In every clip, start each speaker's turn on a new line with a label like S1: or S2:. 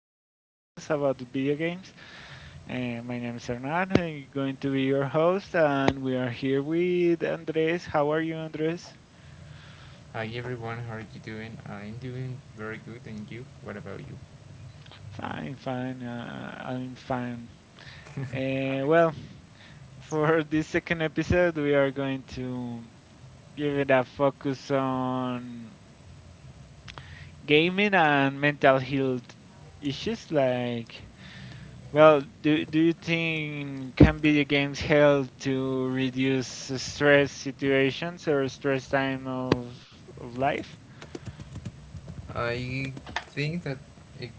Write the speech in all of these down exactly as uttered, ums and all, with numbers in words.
S1: our podcast about video games. Uh, my name is Hernan. I'm going to be your host, and we are here with Andres. How are you, Andres?
S2: Hi everyone, how are you doing? I'm doing very good, and you? What about you?
S1: Fine, fine. Uh, I'm fine. Uh, well, for this second episode, we are going to give it a focus on gaming and mental health issues like. Well, do do you think can video games help to reduce stress situations or stress time of of life?
S2: I think that it,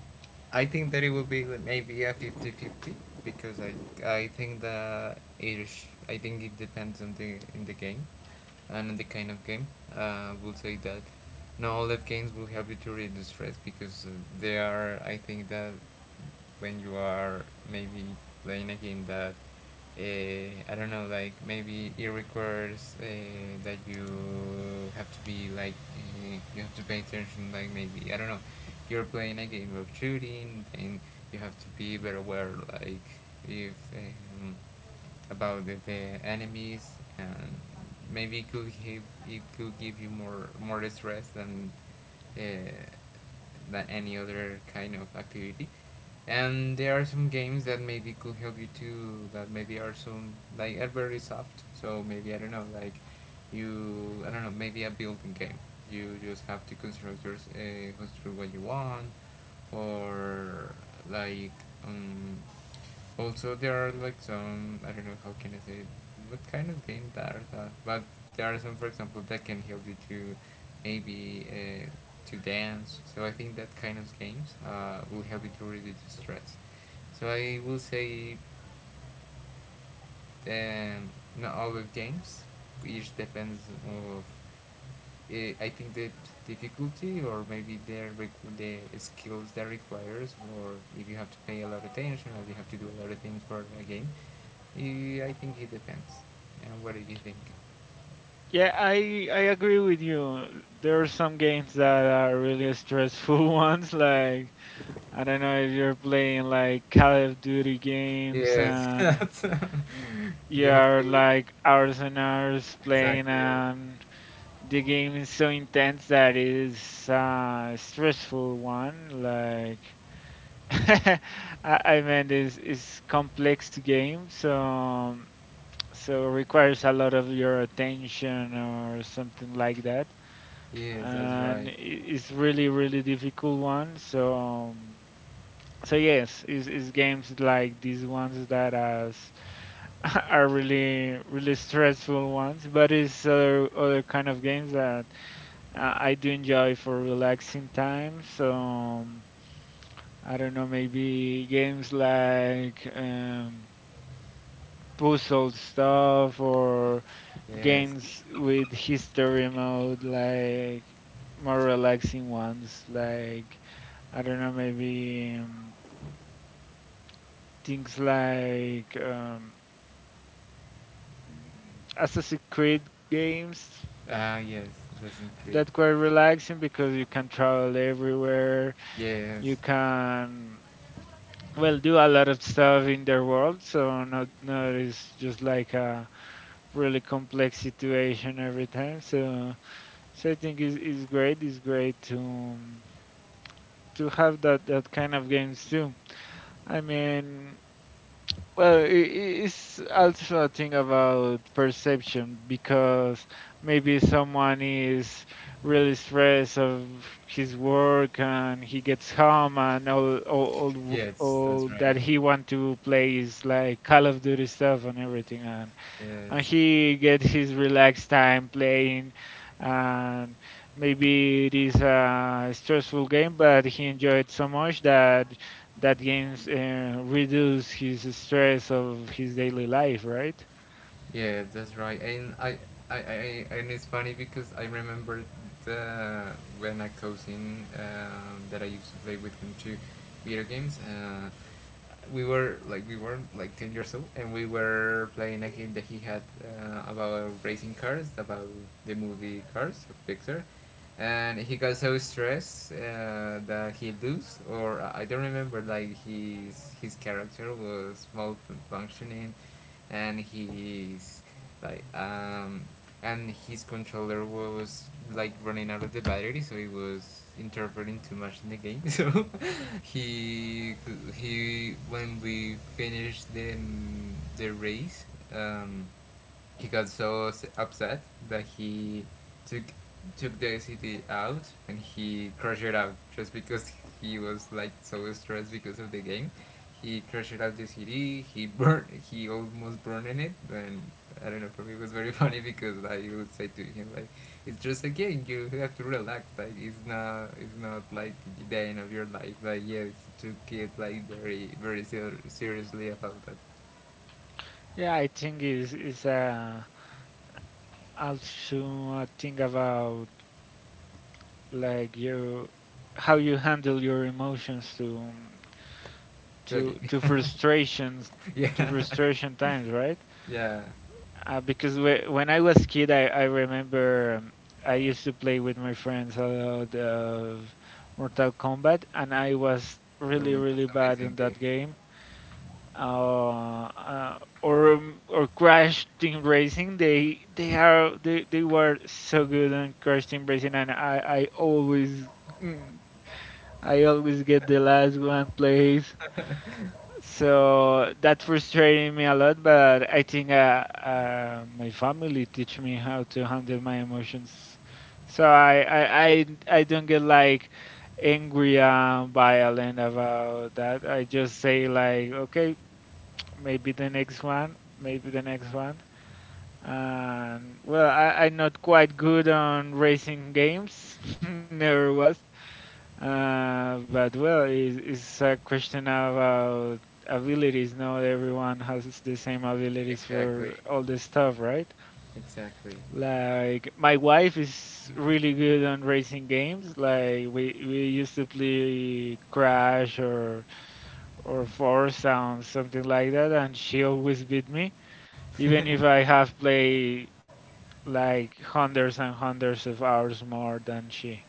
S2: I think that it will be like maybe a fifty-fifty because I I think that it sh- I think it depends on the in the game and on the kind of game. Uh, I will say that not all of games will help you to reduce stress because uh, they are I think that when you are maybe playing a game that uh, I don't know, like maybe it requires uh, that you have to be like uh, you have to pay attention. Like maybe I don't know, you're playing a game of shooting, and you have to be very aware, like if um, about the, the enemies, and maybe it could give it could give you more more stress than uh, than any other kind of activity. And there are some games that maybe could help you too, that maybe are some, like, are very soft. So maybe I don't know, like, you, I don't know, maybe a building game. You just have to construct your uh, construct what you want. Or like, um, also, there are like some, I don't know how can I say what kind of games that are that, but there are some, for example, that can help you to maybe, uh, to dance. So I think that kind of games uh, will help you to reduce the stress. So I will say, um, not all the games. It depends of, uh, I think the difficulty, or maybe the the skills that requires, or if you have to pay a lot of attention, or you have to do a lot of things for a game. Uh, I think it depends. And what do you think?
S1: Yeah, I I agree with you. There are some games that are really stressful ones, like I don't know, if you're playing like Call of Duty games
S2: Yes,
S1: and
S2: that's you have
S1: you're
S2: to
S1: like hours and hours playing,
S2: exactly.
S1: and the game is so intense that it is a stressful one, like I I mean, this is complex game, so so requires a lot of your attention or something like that,
S2: Yes, that's
S1: and i-
S2: right.
S1: it's really really difficult one. So um, so yes, is is games like these ones that as are really really stressful ones, but it's other other kind of games that uh, I do enjoy for relaxing time. So. I don't know, maybe games like um, puzzle stuff or
S2: Yes.
S1: games with history mode, like more relaxing ones, like I don't know, maybe um, things like um, Assassin's Creed games
S2: Ah, yes, that's great.
S1: that were relaxing because you can travel everywhere, you
S2: Yes.
S1: can well do a lot of stuff in their world, so not not it's just like a really complex situation every time. So, so I think it's, it's great. It's great to um, to have that that kind of games too. I mean, well, i i- it's also a thing about perception because maybe someone is really stressed of his work and he gets home and all all all, w-
S2: Yes,
S1: all
S2: that's
S1: that
S2: right.
S1: he want to play is like Call of Duty stuff and everything, and and
S2: Yes.
S1: he gets his relaxed time playing, and maybe it is a stressful game but he enjoyed so much that that games uh, reduce his stress of his daily life, right?
S2: Yeah, that's right. And I, I, I, and it's funny because I remember the, when a cousin, um, that I used to play with him too, video games. Uh, we were like we were like ten years old, and we were playing a game that he had, uh, about racing cars, about the movie Cars of Pixar, and he got so stressed, uh, that he lose, or I I don't remember. Like his his character was malfunctioning, and he's like um and his controller was like running out of the battery. So he was interpreting too much in the game, so he he when we finished the the race, um he got so upset that he took took the city out, and he crashed it out just because he was like so stressed because of the game. He crashed out the city. He burned. He almost burned in it. And I don't know. For me, it was very funny because I would say to him like, "It's just a game. You have to relax. Like it's not. It's not like the end of your life." But yeah, he took it like very, very ser- seriously about that.
S1: Yeah, I think is is uh, also a thing about like you how you handle your emotions to
S2: To
S1: to to frustrations, to
S2: yeah.
S1: frustration times, right?
S2: Yeah,
S1: Uh, because whe- when I was kid, I, I remember um, I used to play with my friends a lot of Mortal Kombat, and I was
S2: it was
S1: really, really
S2: an
S1: bad
S2: amazing
S1: on
S2: game.
S1: that game. Uh, uh, or um, or Crash Team Racing, they they are they, they were so good on Crash Team Racing, and I I always mm, I always get the last one place. So that frustrated me a lot, but I think uh, uh, my family teach me how to handle my emotions. So I, I, I, I don't get like angry and violent about that. I just say like, okay, maybe the next one, maybe the next one. And well, I, I'm not quite good on racing games, never was. Uh, but well, it's, it's a question about abilities. Not everyone has the same abilities for
S2: Exactly,
S1: all the stuff, right?
S2: exactly.
S1: Like my wife is really good on racing games. Like we we used to play Crash or or Forza and something like that, and she always beat me, even if I have played like hundreds and hundreds of hours more than she.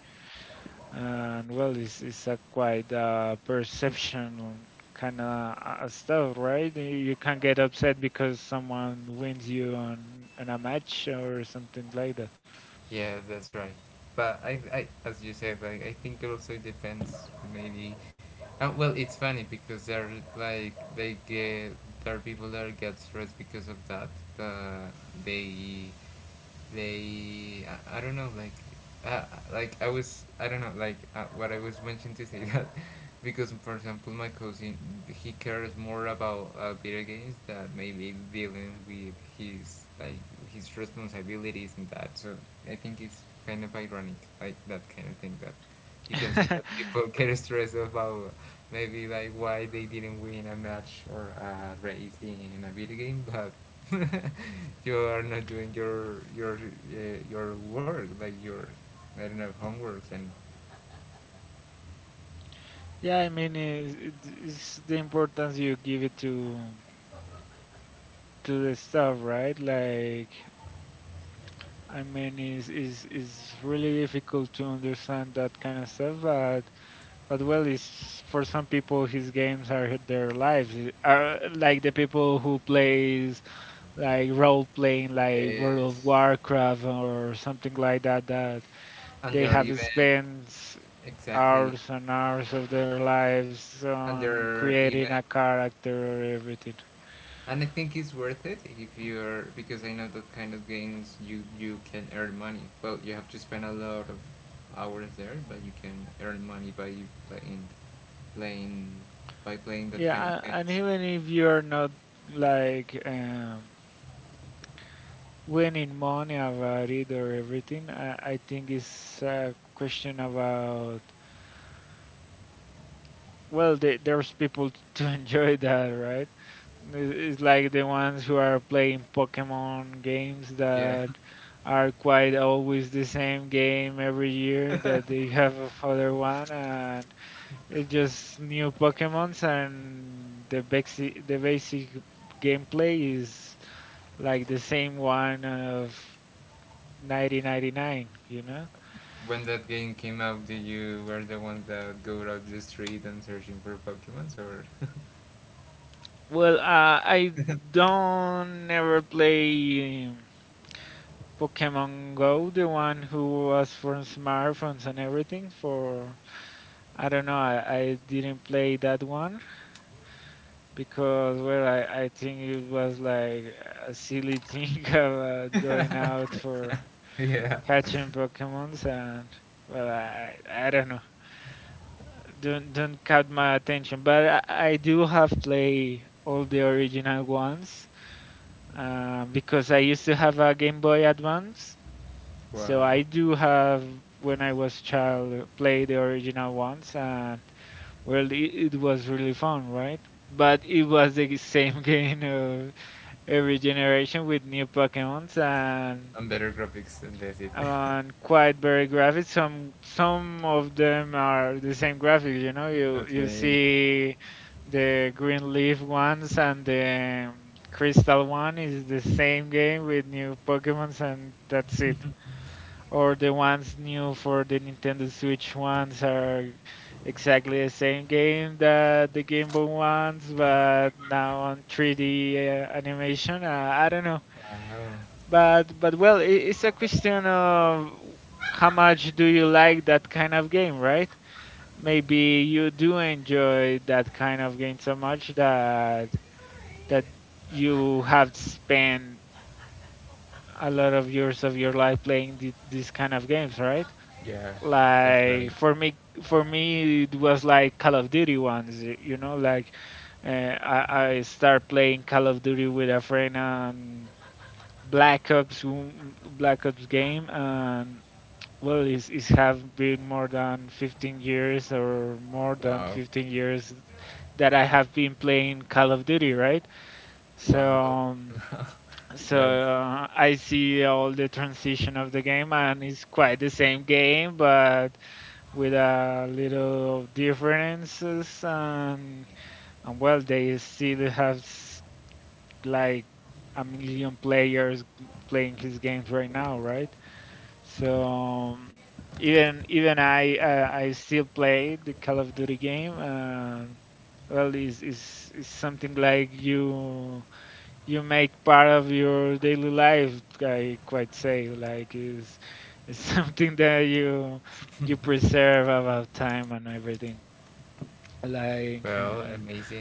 S1: And well, it's, it's a quite uh, perception kind of uh, stuff, right? You can get upset because someone wins you on, on a match or something like
S2: Yeah, that's right. But I, I as you said, like, I think it also depends. Maybe, uh, well, it's funny because they're like they get there are people that get stressed because of that. But they, they, I, I don't know. Like, uh, like I was, I don't know. Like, uh, what I was mentioned to say that because, for example, my cousin, he cares more about, uh, video games, than maybe dealing with his, like, his responsibilities, and that. So I think it's kind of ironic, like, that kind of thing that you can see
S1: that.
S2: that people get stressed about maybe, like, why they didn't win a match or a race in a video game, but you are not doing your your uh, your work, like your, I don't know, homeworks and,
S1: Yeah, I mean, it's, it's it's the importance you give it to to the stuff, right? Like, I mean, it's, it's, it's really difficult to understand that kind of stuff, but But well, is for some people, his games are their lives. It- Are like the people who plays like role playing, like World of
S2: yes,
S1: Warcraft or something like that. That
S2: and
S1: they
S2: they're
S1: have
S2: even
S1: spent
S2: exactly
S1: hours and hours of their lives
S2: and
S1: on
S2: they're
S1: creating a
S2: even.
S1: character or everything.
S2: And I think it's worth it, if you're, because I know that kind of games, you you can earn money. Well, you have to spend a lot of hours there, but you can earn money by playing playing by playing that kind
S1: Yeah,
S2: of
S1: a- and
S2: games.
S1: even if you're not like um, winning money about it or everything, I, I think it's a question about well, the, there's people to enjoy that, right? It- It's like the ones who are playing Pokemon games
S2: Yeah.
S1: that are quite always the same game every year that they have another one, and it's just new Pokemons, and the basic the basic gameplay is like the same one of nineteen ninety-nine, you know?
S2: When that game came out, did you were the ones that go out the street and searching for Pokemons or?
S1: Well, uh, I don't ever play Pokemon Go, the one who was for smartphones and everything. For I don't know, I, I didn't play that one because well, I, I think it was like a silly thing about going out for
S2: yeah.
S1: catching Pokemons, and well, I, I don't know, don't don't cut my attention. But I, I do have played all the original ones uh, because I used to have a Game Boy Advance. So I
S2: Wow.
S1: do have, when I was child, play the original ones, and well, it, it was really fun, right? But it was the same game of every generation with new Pokemons, and
S2: And better graphics, and that's it.
S1: and quite very graphics. Some some of them are the same graphics, you know. You you
S2: Okay.
S1: see the green leaf ones and the um, crystal one is the same game with new Pokemons, and that's it, or the ones new for the Nintendo Switch ones are exactly the same game that the Game Boy ones, but now on three D uh, animation. Uh, I don't know,
S2: Wow.
S1: but but well, it, it's a question of how much do you like that kind of game, right? Maybe you do enjoy that kind of game so much that that you have spent a lot of years of your life playing th- these kind of games, right?
S2: Yeah, that's
S1: Like
S2: right.
S1: for me, for me, it was like Call of Duty ones. y- You know, like uh, I I start playing Call of Duty with a friend on Black Ops w- Black Ops game, and well, it's it's have been more than fifteen years or more than
S2: Wow.
S1: fifteen years that I have been playing Call of Duty, right? So.
S2: Wow.
S1: um, so
S2: That's,
S1: uh, I see all the transition of the game, and it's quite the same game, but with a little differences, and and well they still have s- like a million players g- playing his games right now, right? So um, even even I uh, I still play the Call of Duty game, and well is is is something like you you make part of your daily life. I quite say like is is something that you you preserve about time and everything like.
S2: well,
S1: uh,
S2: amazing.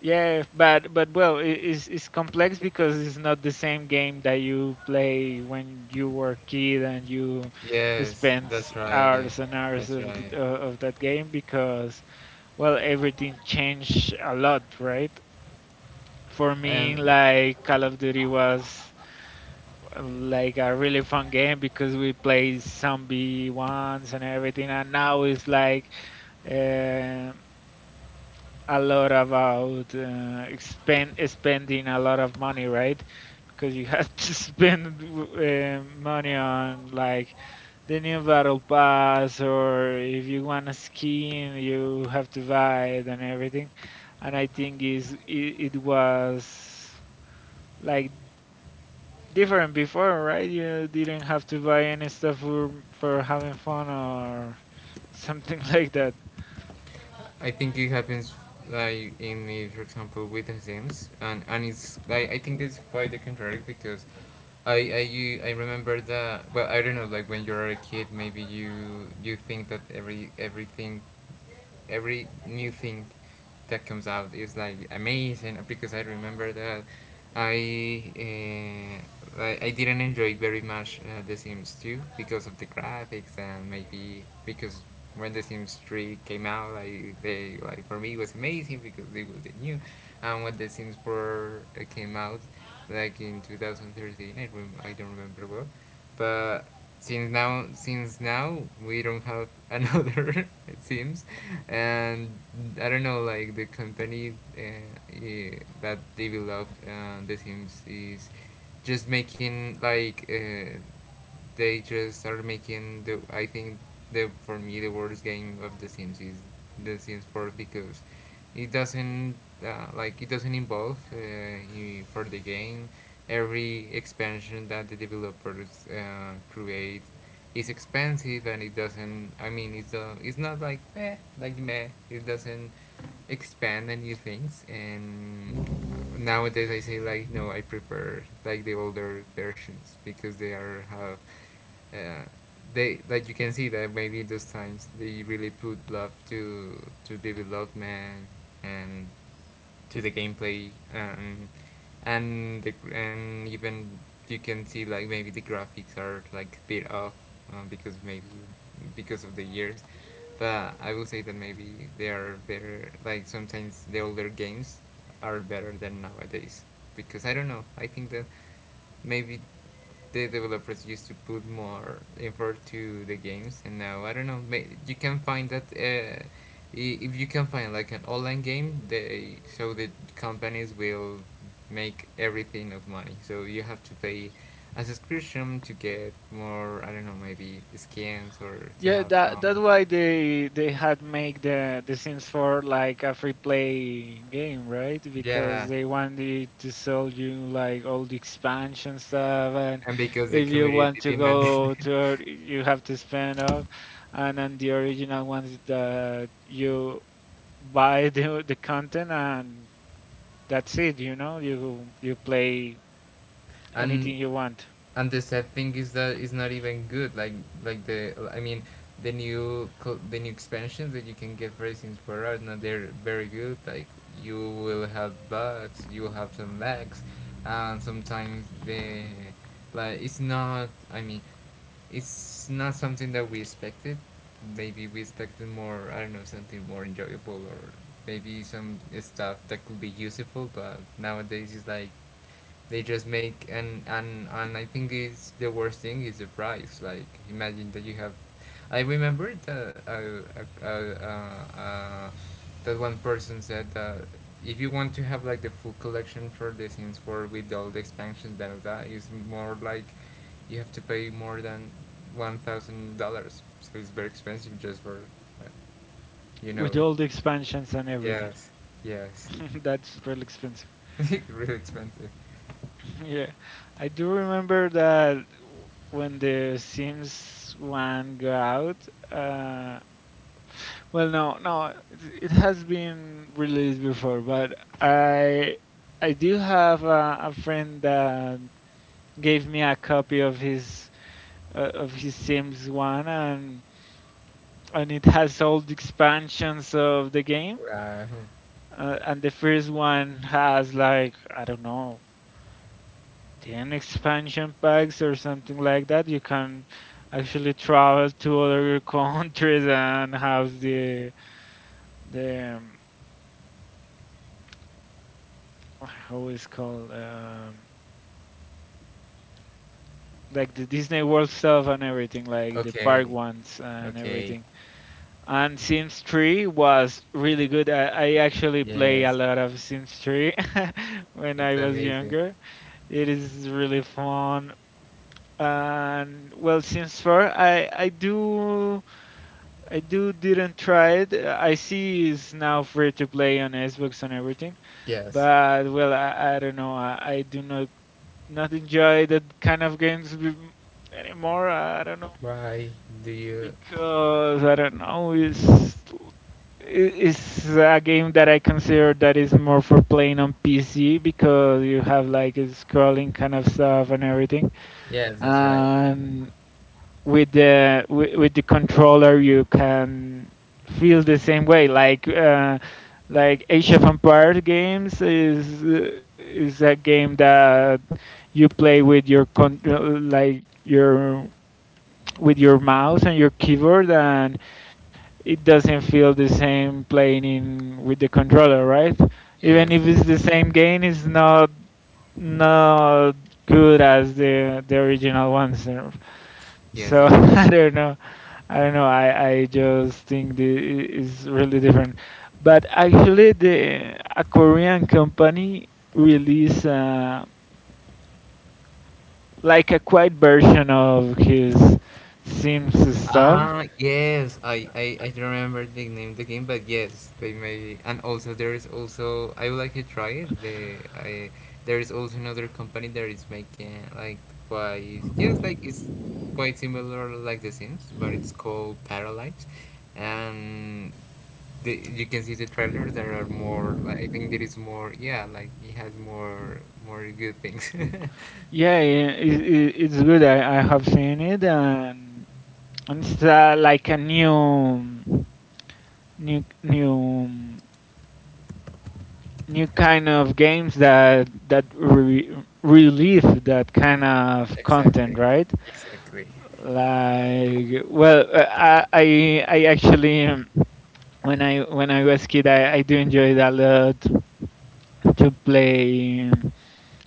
S1: Yeah, but but well it is it's complex because it's not the same game that you play when you were a kid and you
S2: Yes,
S1: spend
S2: that's right.
S1: hours and
S2: That's
S1: hours of
S2: right.
S1: th- uh, of that game because well everything changed a lot, right? For me
S2: And
S1: like Call of Duty was uh, like a really fun game because we played zombie ones and everything, and now it's like uh, a lot about uh, expend spending a lot of money, right? Because you have to spend uh, money on like the new battle pass, or if you want a skin, you have to buy it and everything. And I think is it, it was like different before, right? You didn't have to buy any stuff for for having fun or something like that.
S2: I think it happens like in me, for example, with the Sims, and and it's like, I think it's quite the contrary because I I you I remember that, well, I don't know, like, when you're a kid maybe you you think that every everything every new thing that comes out is like amazing, because I remember that I uh, I didn't enjoy very much, uh, The Sims two, because of the graphics, and maybe because when The Sims three came out, like, they like for me it was amazing because it was new. And when The Sims four, eh, came out, like in two thousand thirteen, I rem- I don't remember well, but since now since now we don't have another, it seems. And I don't know, like, the company, uh, eh, that developed, uh, the Sims, is just making like, uh, they just are making, the, I think, the, for me, the worst game of the Sims is the Sims four, because it doesn't, uh, like, it doesn't involve, uh, for the game. Every expansion that the developers, uh, create, is expensive, and it doesn't, I mean, it's, uh, it's not like meh, like meh, it doesn't expand the new things. And nowadays I say like, no, I prefer like the older versions, because they are have, uh, they, like, you can see that maybe those times they really put love to to development, and to the gameplay. um, and the, and even, you can see like maybe the graphics are like a bit off, uh, because maybe because of the years, but I will say that maybe they are better, like, sometimes the older games are better than nowadays. Because I don't know, I think that maybe the developers used to put more effort to the games, and now I don't know, may-, you can find that, uh, if you can find like an online game, they, so the companies will make everything of money, so you have to pay a subscription to get more, I don't know, maybe skins, or to
S1: Yeah,
S2: have
S1: that
S2: some,
S1: that's why they they had make the the Sims four like a free play game, right? Because
S2: yeah.
S1: they wanted to sell you like all the expansion stuff, and
S2: And because the
S1: if you want
S2: community
S1: to
S2: demanded
S1: go
S2: it.
S1: to or- you have to spend off. And then the original ones that you buy the the content and that's it, you know, you you play
S2: and
S1: anything you want
S2: and the sad thing is that it's not even good. Like like the, I mean, the new, the new expansions that you can get for Sims four are not, they're very good. Like, you will have bugs, you will have some lags, and sometimes the, like, it's not. I mean, it's not something that we expected. Maybe we expected more. I don't know, something more enjoyable, or maybe some stuff that could be useful. But nowadays it's like they just make, and and and I think is, the worst thing is the price. Like imagine that you have, I remember that uh, uh, uh, uh, that one person said that, if you want to have like the full collection for the Sims four with all the expansions, that that is more like, you have to pay more than one thousand dollars. So it's very expensive just for, uh, you know.
S1: with all the
S2: Expensive.
S1: expansions and everything.
S2: Yes, yes,
S1: That's really expensive.
S2: really expensive.
S1: Yeah, I do remember that when the Sims one go out, uh, well, no, no, it it has been released before, but I I do have a, a friend that gave me a copy of his uh, of his Sims one, and and it has all the expansions of the game.
S2: Wow.
S1: Uh, and the first one has like I don't know ten expansion packs or something like that, you can actually travel to other countries and have the the um, how is called um, like the Disney World stuff and everything like the
S2: Okay.
S1: park ones and
S2: Okay.
S1: everything, and Sims three was really good. I, I actually play a
S2: Yes.
S1: lot of Sims three when
S2: It's
S1: I was
S2: amazing.
S1: younger. It is really fun. And well Sims four I I do I do didn't try it. Uh, I see it's now free to play on Xbox and everything,
S2: Yes.
S1: but well, I, I don't know. I, I do not not enjoy that kind of games with- anymore. I don't know,
S2: Why do you?
S1: because I don't know. It's i- it's a game that I consider that is more for playing on P C because you have like a scrolling kind of stuff and everything.
S2: Yes, that's right.
S1: And with the with, with the controller you can feel the same way like uh, like Age of Empires games is is a game that you play with your con- uh, like your with your mouse and your keyboard, and it doesn't feel the same playing in with the controller, right? Even
S2: Yes.
S1: if it's the
S2: Yes.
S1: same game, it's not not good as the the original ones,
S2: Yes,
S1: so
S2: that's right.
S1: I don't know. I don't know. I, I just think the i- is really different. But actually, the a Korean company released uh, like a quiet version of his Sims stuff.
S2: Ah, yes, I, I, I don't remember the name of the game, but yes, they made. And also, there is also, I would like to try it. The, I, there is also another company that is making, like, quite, yes, like, it's quite similar like The Sims, but it's called Paralyze. And the, you can see the trailers that are more, like, I think there is more, yeah, like, it has more, more good things.
S1: Yeah, i- i- i- it's good. I, I have seen it, and and it's uh, like a new, new, new, new kind of games that that re- relieve that kind of content,
S2: Exactly,
S1: right?
S2: exactly.
S1: Like, well, uh, I I I actually um, when I when I was kid, I, I do enjoy it a lot to play um,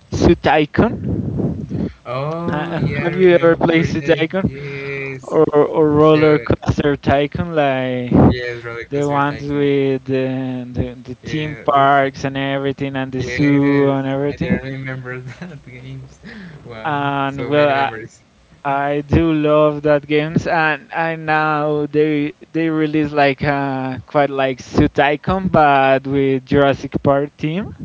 S1: Suit icon.
S2: Oh
S1: Uh,
S2: yeah, I
S1: have you ever
S2: remember
S1: played
S2: that.
S1: Suit icon
S2: Yes,
S1: or or
S2: the
S1: Roller Coaster Tycoon? Like
S2: yes, Roller
S1: the
S2: Coaster
S1: ones
S2: Tycoon.
S1: with the, the the theme
S2: Yeah, oof.
S1: parks and everything, and the zoo
S2: Yes,
S1: and
S2: I
S1: everything.
S2: didn't remember that games. Wow,
S1: And
S2: so
S1: well,
S2: many
S1: I,
S2: memories.
S1: I do love that games, and I now they they release like uh, quite like Suit Tycoon, but with Jurassic Park team.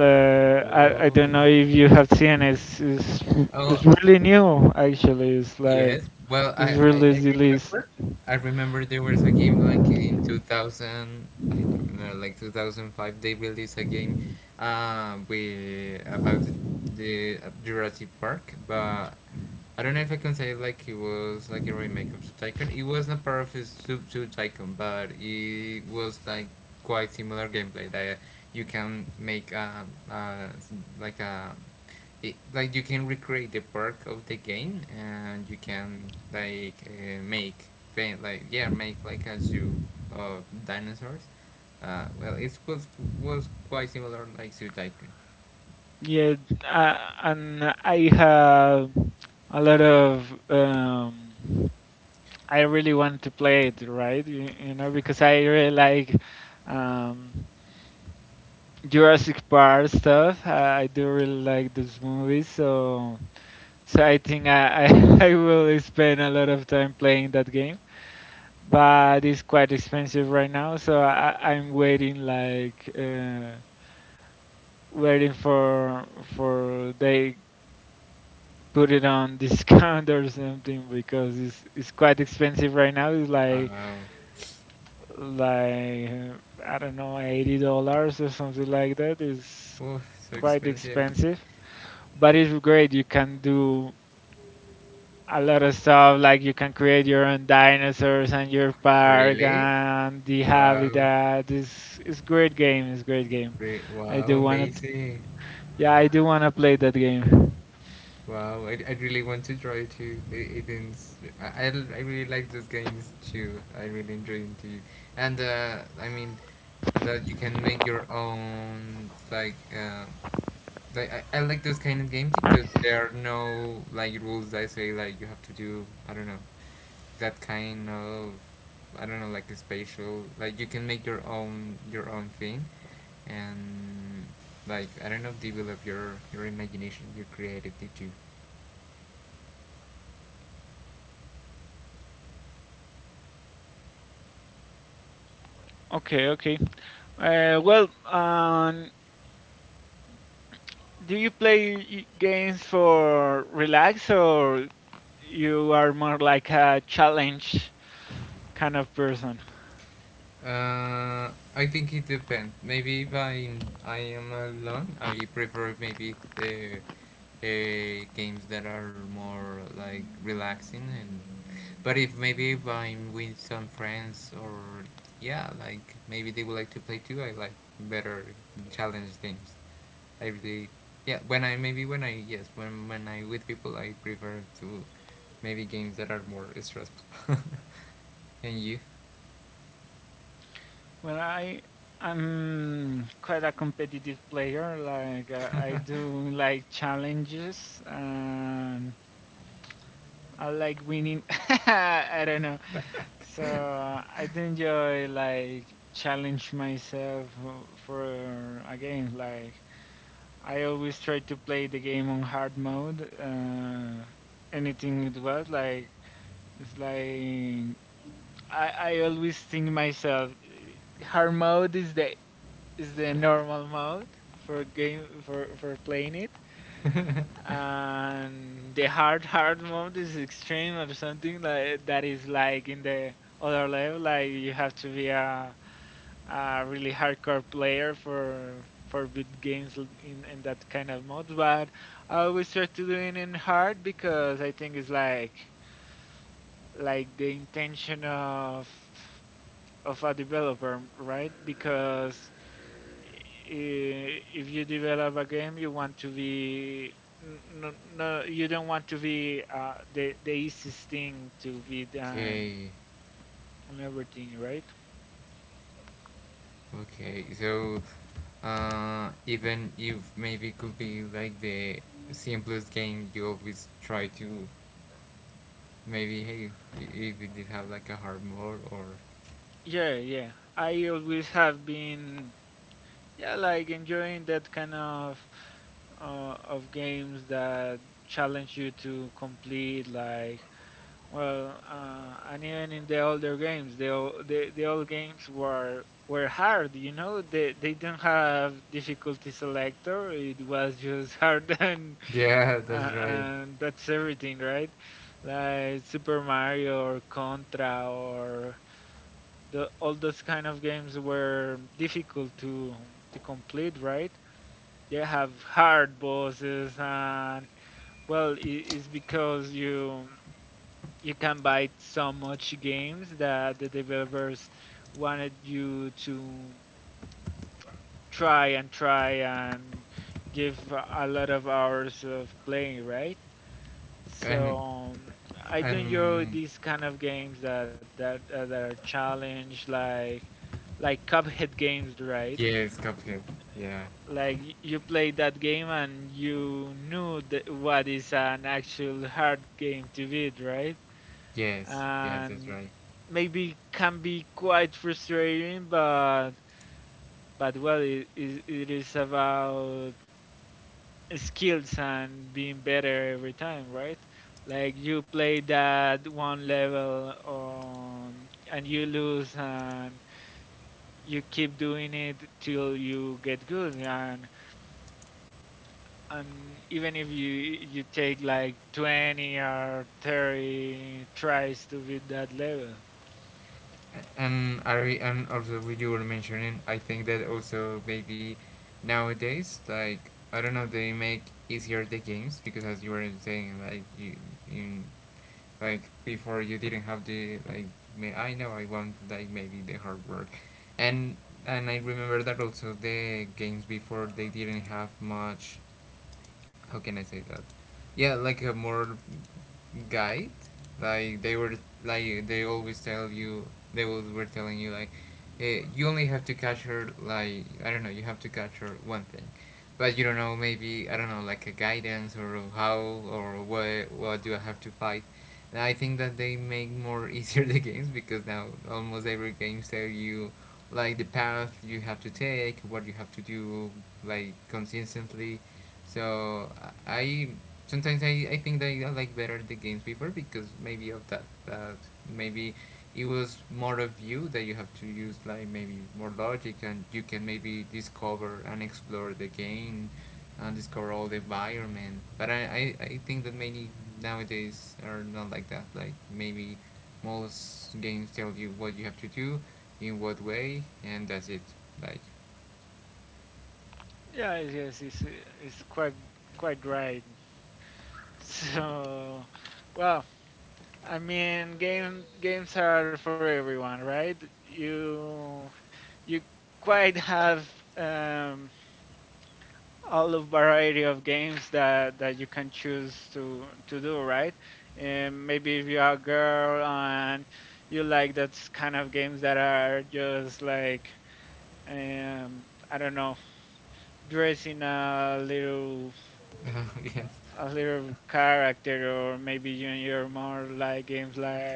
S1: Uh, I I
S2: Oh,
S1: don't know if you have seen it. It's, it's
S2: oh,
S1: it's really new actually. It's like
S2: yes. Well,
S1: it's
S2: I, I,
S1: really
S2: I
S1: released.
S2: remember. I remember there was a game like in two thousand, I don't know, like two thousand five, they released a game, uh, with, about the, the uh, Jurassic Park, but I don't know if I can say like it was like a remake of the Tycoon. It was not part of his Sub two Tycoon, but it was like quite similar gameplay, that you can make, um, uh, s- like a, it, like you can recreate the park of the game, and you can, like, uh, make fa- like, yeah, make like a zoo of dinosaurs. uh, well it was was quite similar like Zoo Tycoon.
S1: Yeah, uh, and I have a lot of um. I really want to play it, right? You, you know, because I really like. Um, Jurassic Park stuff. I I do really like those movies, so so I think I I, I will spend a lot of time playing that game. But it's quite expensive right now, so I, I'm waiting like uh, waiting for for they put it on discount or something, because it's it's quite expensive right now. It's like
S2: um,
S1: like uh, I don't know, eighty dollars or something like that. It's
S2: oh so
S1: quite
S2: expensive
S1: expensive, but it's great. You can do a lot of stuff, like you can create your own dinosaurs and your park
S2: really
S1: and the
S2: wow.
S1: habitat. It's it's great game. It's great game.
S2: Re-,
S1: I
S2: wow,
S1: do want to.
S2: amazing.
S1: Yeah, I do want to play that game.
S2: Wow, I, I really want to try it too. It, it is, I, I, I really like those games too. I really enjoy them too. And uh, I mean, that you can make your own like, uh, like, I, I like those kind of games because there are no like rules that say like you have to do, I don't know, that kind of, I don't know, like a spatial, like you can make your own your own thing, and, like, I don't know, develop your your imagination, your creativity too.
S1: Okay, okay. Uh, well, um, do you play y- games for relax, or you are more like a challenge kind of person?
S2: Uh, I think it depends. Maybe if I I am alone, I prefer maybe the, uh, games that are more like relaxing, and. But if maybe if I'm with some friends, or, yeah, like maybe they would like to play too, I like better challenge games. I really, yeah. When I maybe when I, yes, when when I with people, I prefer to maybe games that are more stressful. And you?
S1: Well, I I'm quite a competitive player. Like uh, I do like challenges, and I like winning. I don't know. So uh, I do enjoy like challenge myself uh, for a game. Like I always try to play the game on hard mode. Uh, anything it was like it's like I I always think myself hard mode is the is the normal mode for game for for playing it, and the hard hard mode is extreme or something like that is like in the other level. Like you have to be a a really hardcore player for for big games l- in in that kind of mode. But I always try to do it in hard, because I think it's like like the intention of of a developer, right? Because i- if you develop a game, you want to be no, no, you don't want to be uh, the the easiest thing to be done
S2: Okay.
S1: and everything, right?
S2: Okay. So, uh, even if maybe could be like the simplest game, you always try to, maybe, hey, if it did have like a hard mode or,
S1: Yeah, yeah. I always have been yeah like enjoying that kind of uh, of games that challenge you to complete like. Well, uh, and even in the older games, the ol- the, the old games were were hard. You know, they they didn't have difficulty selector. It was just hard, and
S2: yeah, that's
S1: uh,
S2: right.
S1: and that's everything, right? Like Super Mario or Contra or the all those kind of games were difficult to to complete, right? They have hard bosses, and well, it, it's because you you can buy so much games that the developers wanted you to try and try and give a lot of hours of playing, right?
S2: And
S1: So um, I do enjoy
S2: and
S1: these kind of games that that uh, that are challenge like like Cuphead games, right?
S2: yes, Cuphead. Yeah.
S1: Like y- you play that game and you knew that what is an actual hard game to beat, right?
S2: Yes. Yes, that's
S1: And
S2: right.
S1: maybe can be quite frustrating, but but well, it, it, it is about skills and being better every time, right? Like you play that one level, um, and you lose and you keep doing it till you get good, and and even if you you take like twenty or thirty tries to beat that level.
S2: And Ari, and also what you were mentioning, I think that also, maybe nowadays, like, I don't know, they make easier the games because, as you were saying, like, you, in, like before you didn't have the, like. May, I know I want like maybe the hard work, and and I remember that also the games before they didn't have much, how can I say that? Yeah, like a more guide. Like, they were, like, they always tell you they always were telling you like, eh, you only have to catch her, like, I don't know, you have to catch her one thing, but you don't know maybe, I don't know, like a guidance, or how, or what what do I have to fight. And I think that they make more easier the games because now almost every game tell you like the path you have to take, what you have to do, like, consistently. So I sometimes I, I think that I like better the games before, because maybe of that, that maybe it was more of you, that you have to use like maybe more logic, and you can maybe discover and explore the game, and discover all the environment. But I, I, I think that many nowadays are not like that. Like, maybe most games tell you what you have to do, in what way, and that's it. Like,
S1: Yeah, yes, it's it's quite quite right. So, well, I mean, game games are for everyone, right? You you quite have um, all of variety of games that that you can choose to to do, right? And maybe if you are a girl and you like that kind of games that are just like um, I don't know, dressing a little
S2: yes,
S1: a little character, or maybe you you're more like games like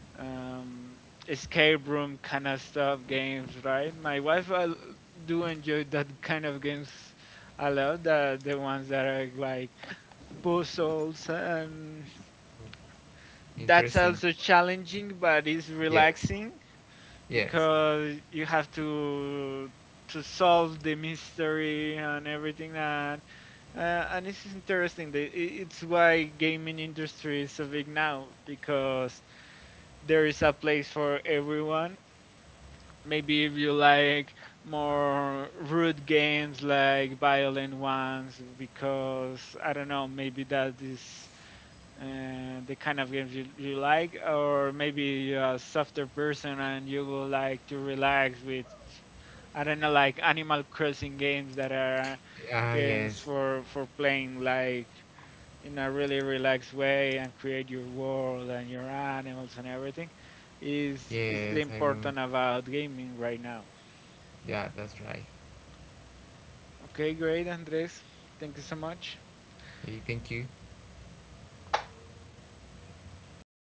S1: um escape room kind of stuff games, right? My wife uh, do enjoy that kind of games a lot, the the ones that are like puzzles and that's
S2: interesting.
S1: also challenging, but it's
S2: Yes.
S1: relaxing
S2: Yes.
S1: because you have to to solve the mystery and everything. And uh, and it's interesting that i- it's why gaming industry is so big now, because there is a place for everyone. Maybe if you like more rude games like violent ones, because I don't know, maybe that is uh, the kind of games you, you like, or maybe you're a softer person and you will like to relax with I don't know, like Animal Crossing games that are
S2: Ah,
S1: games
S2: yes.
S1: for for playing like in a really relaxed way and create your world and your animals and everything. is is
S2: Yes,
S1: the
S2: I remember.
S1: important about gaming right now.
S2: Yeah, that's right.
S1: Okay, great, Andres. Thank you so much.
S2: Hey, thank you.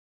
S2: So.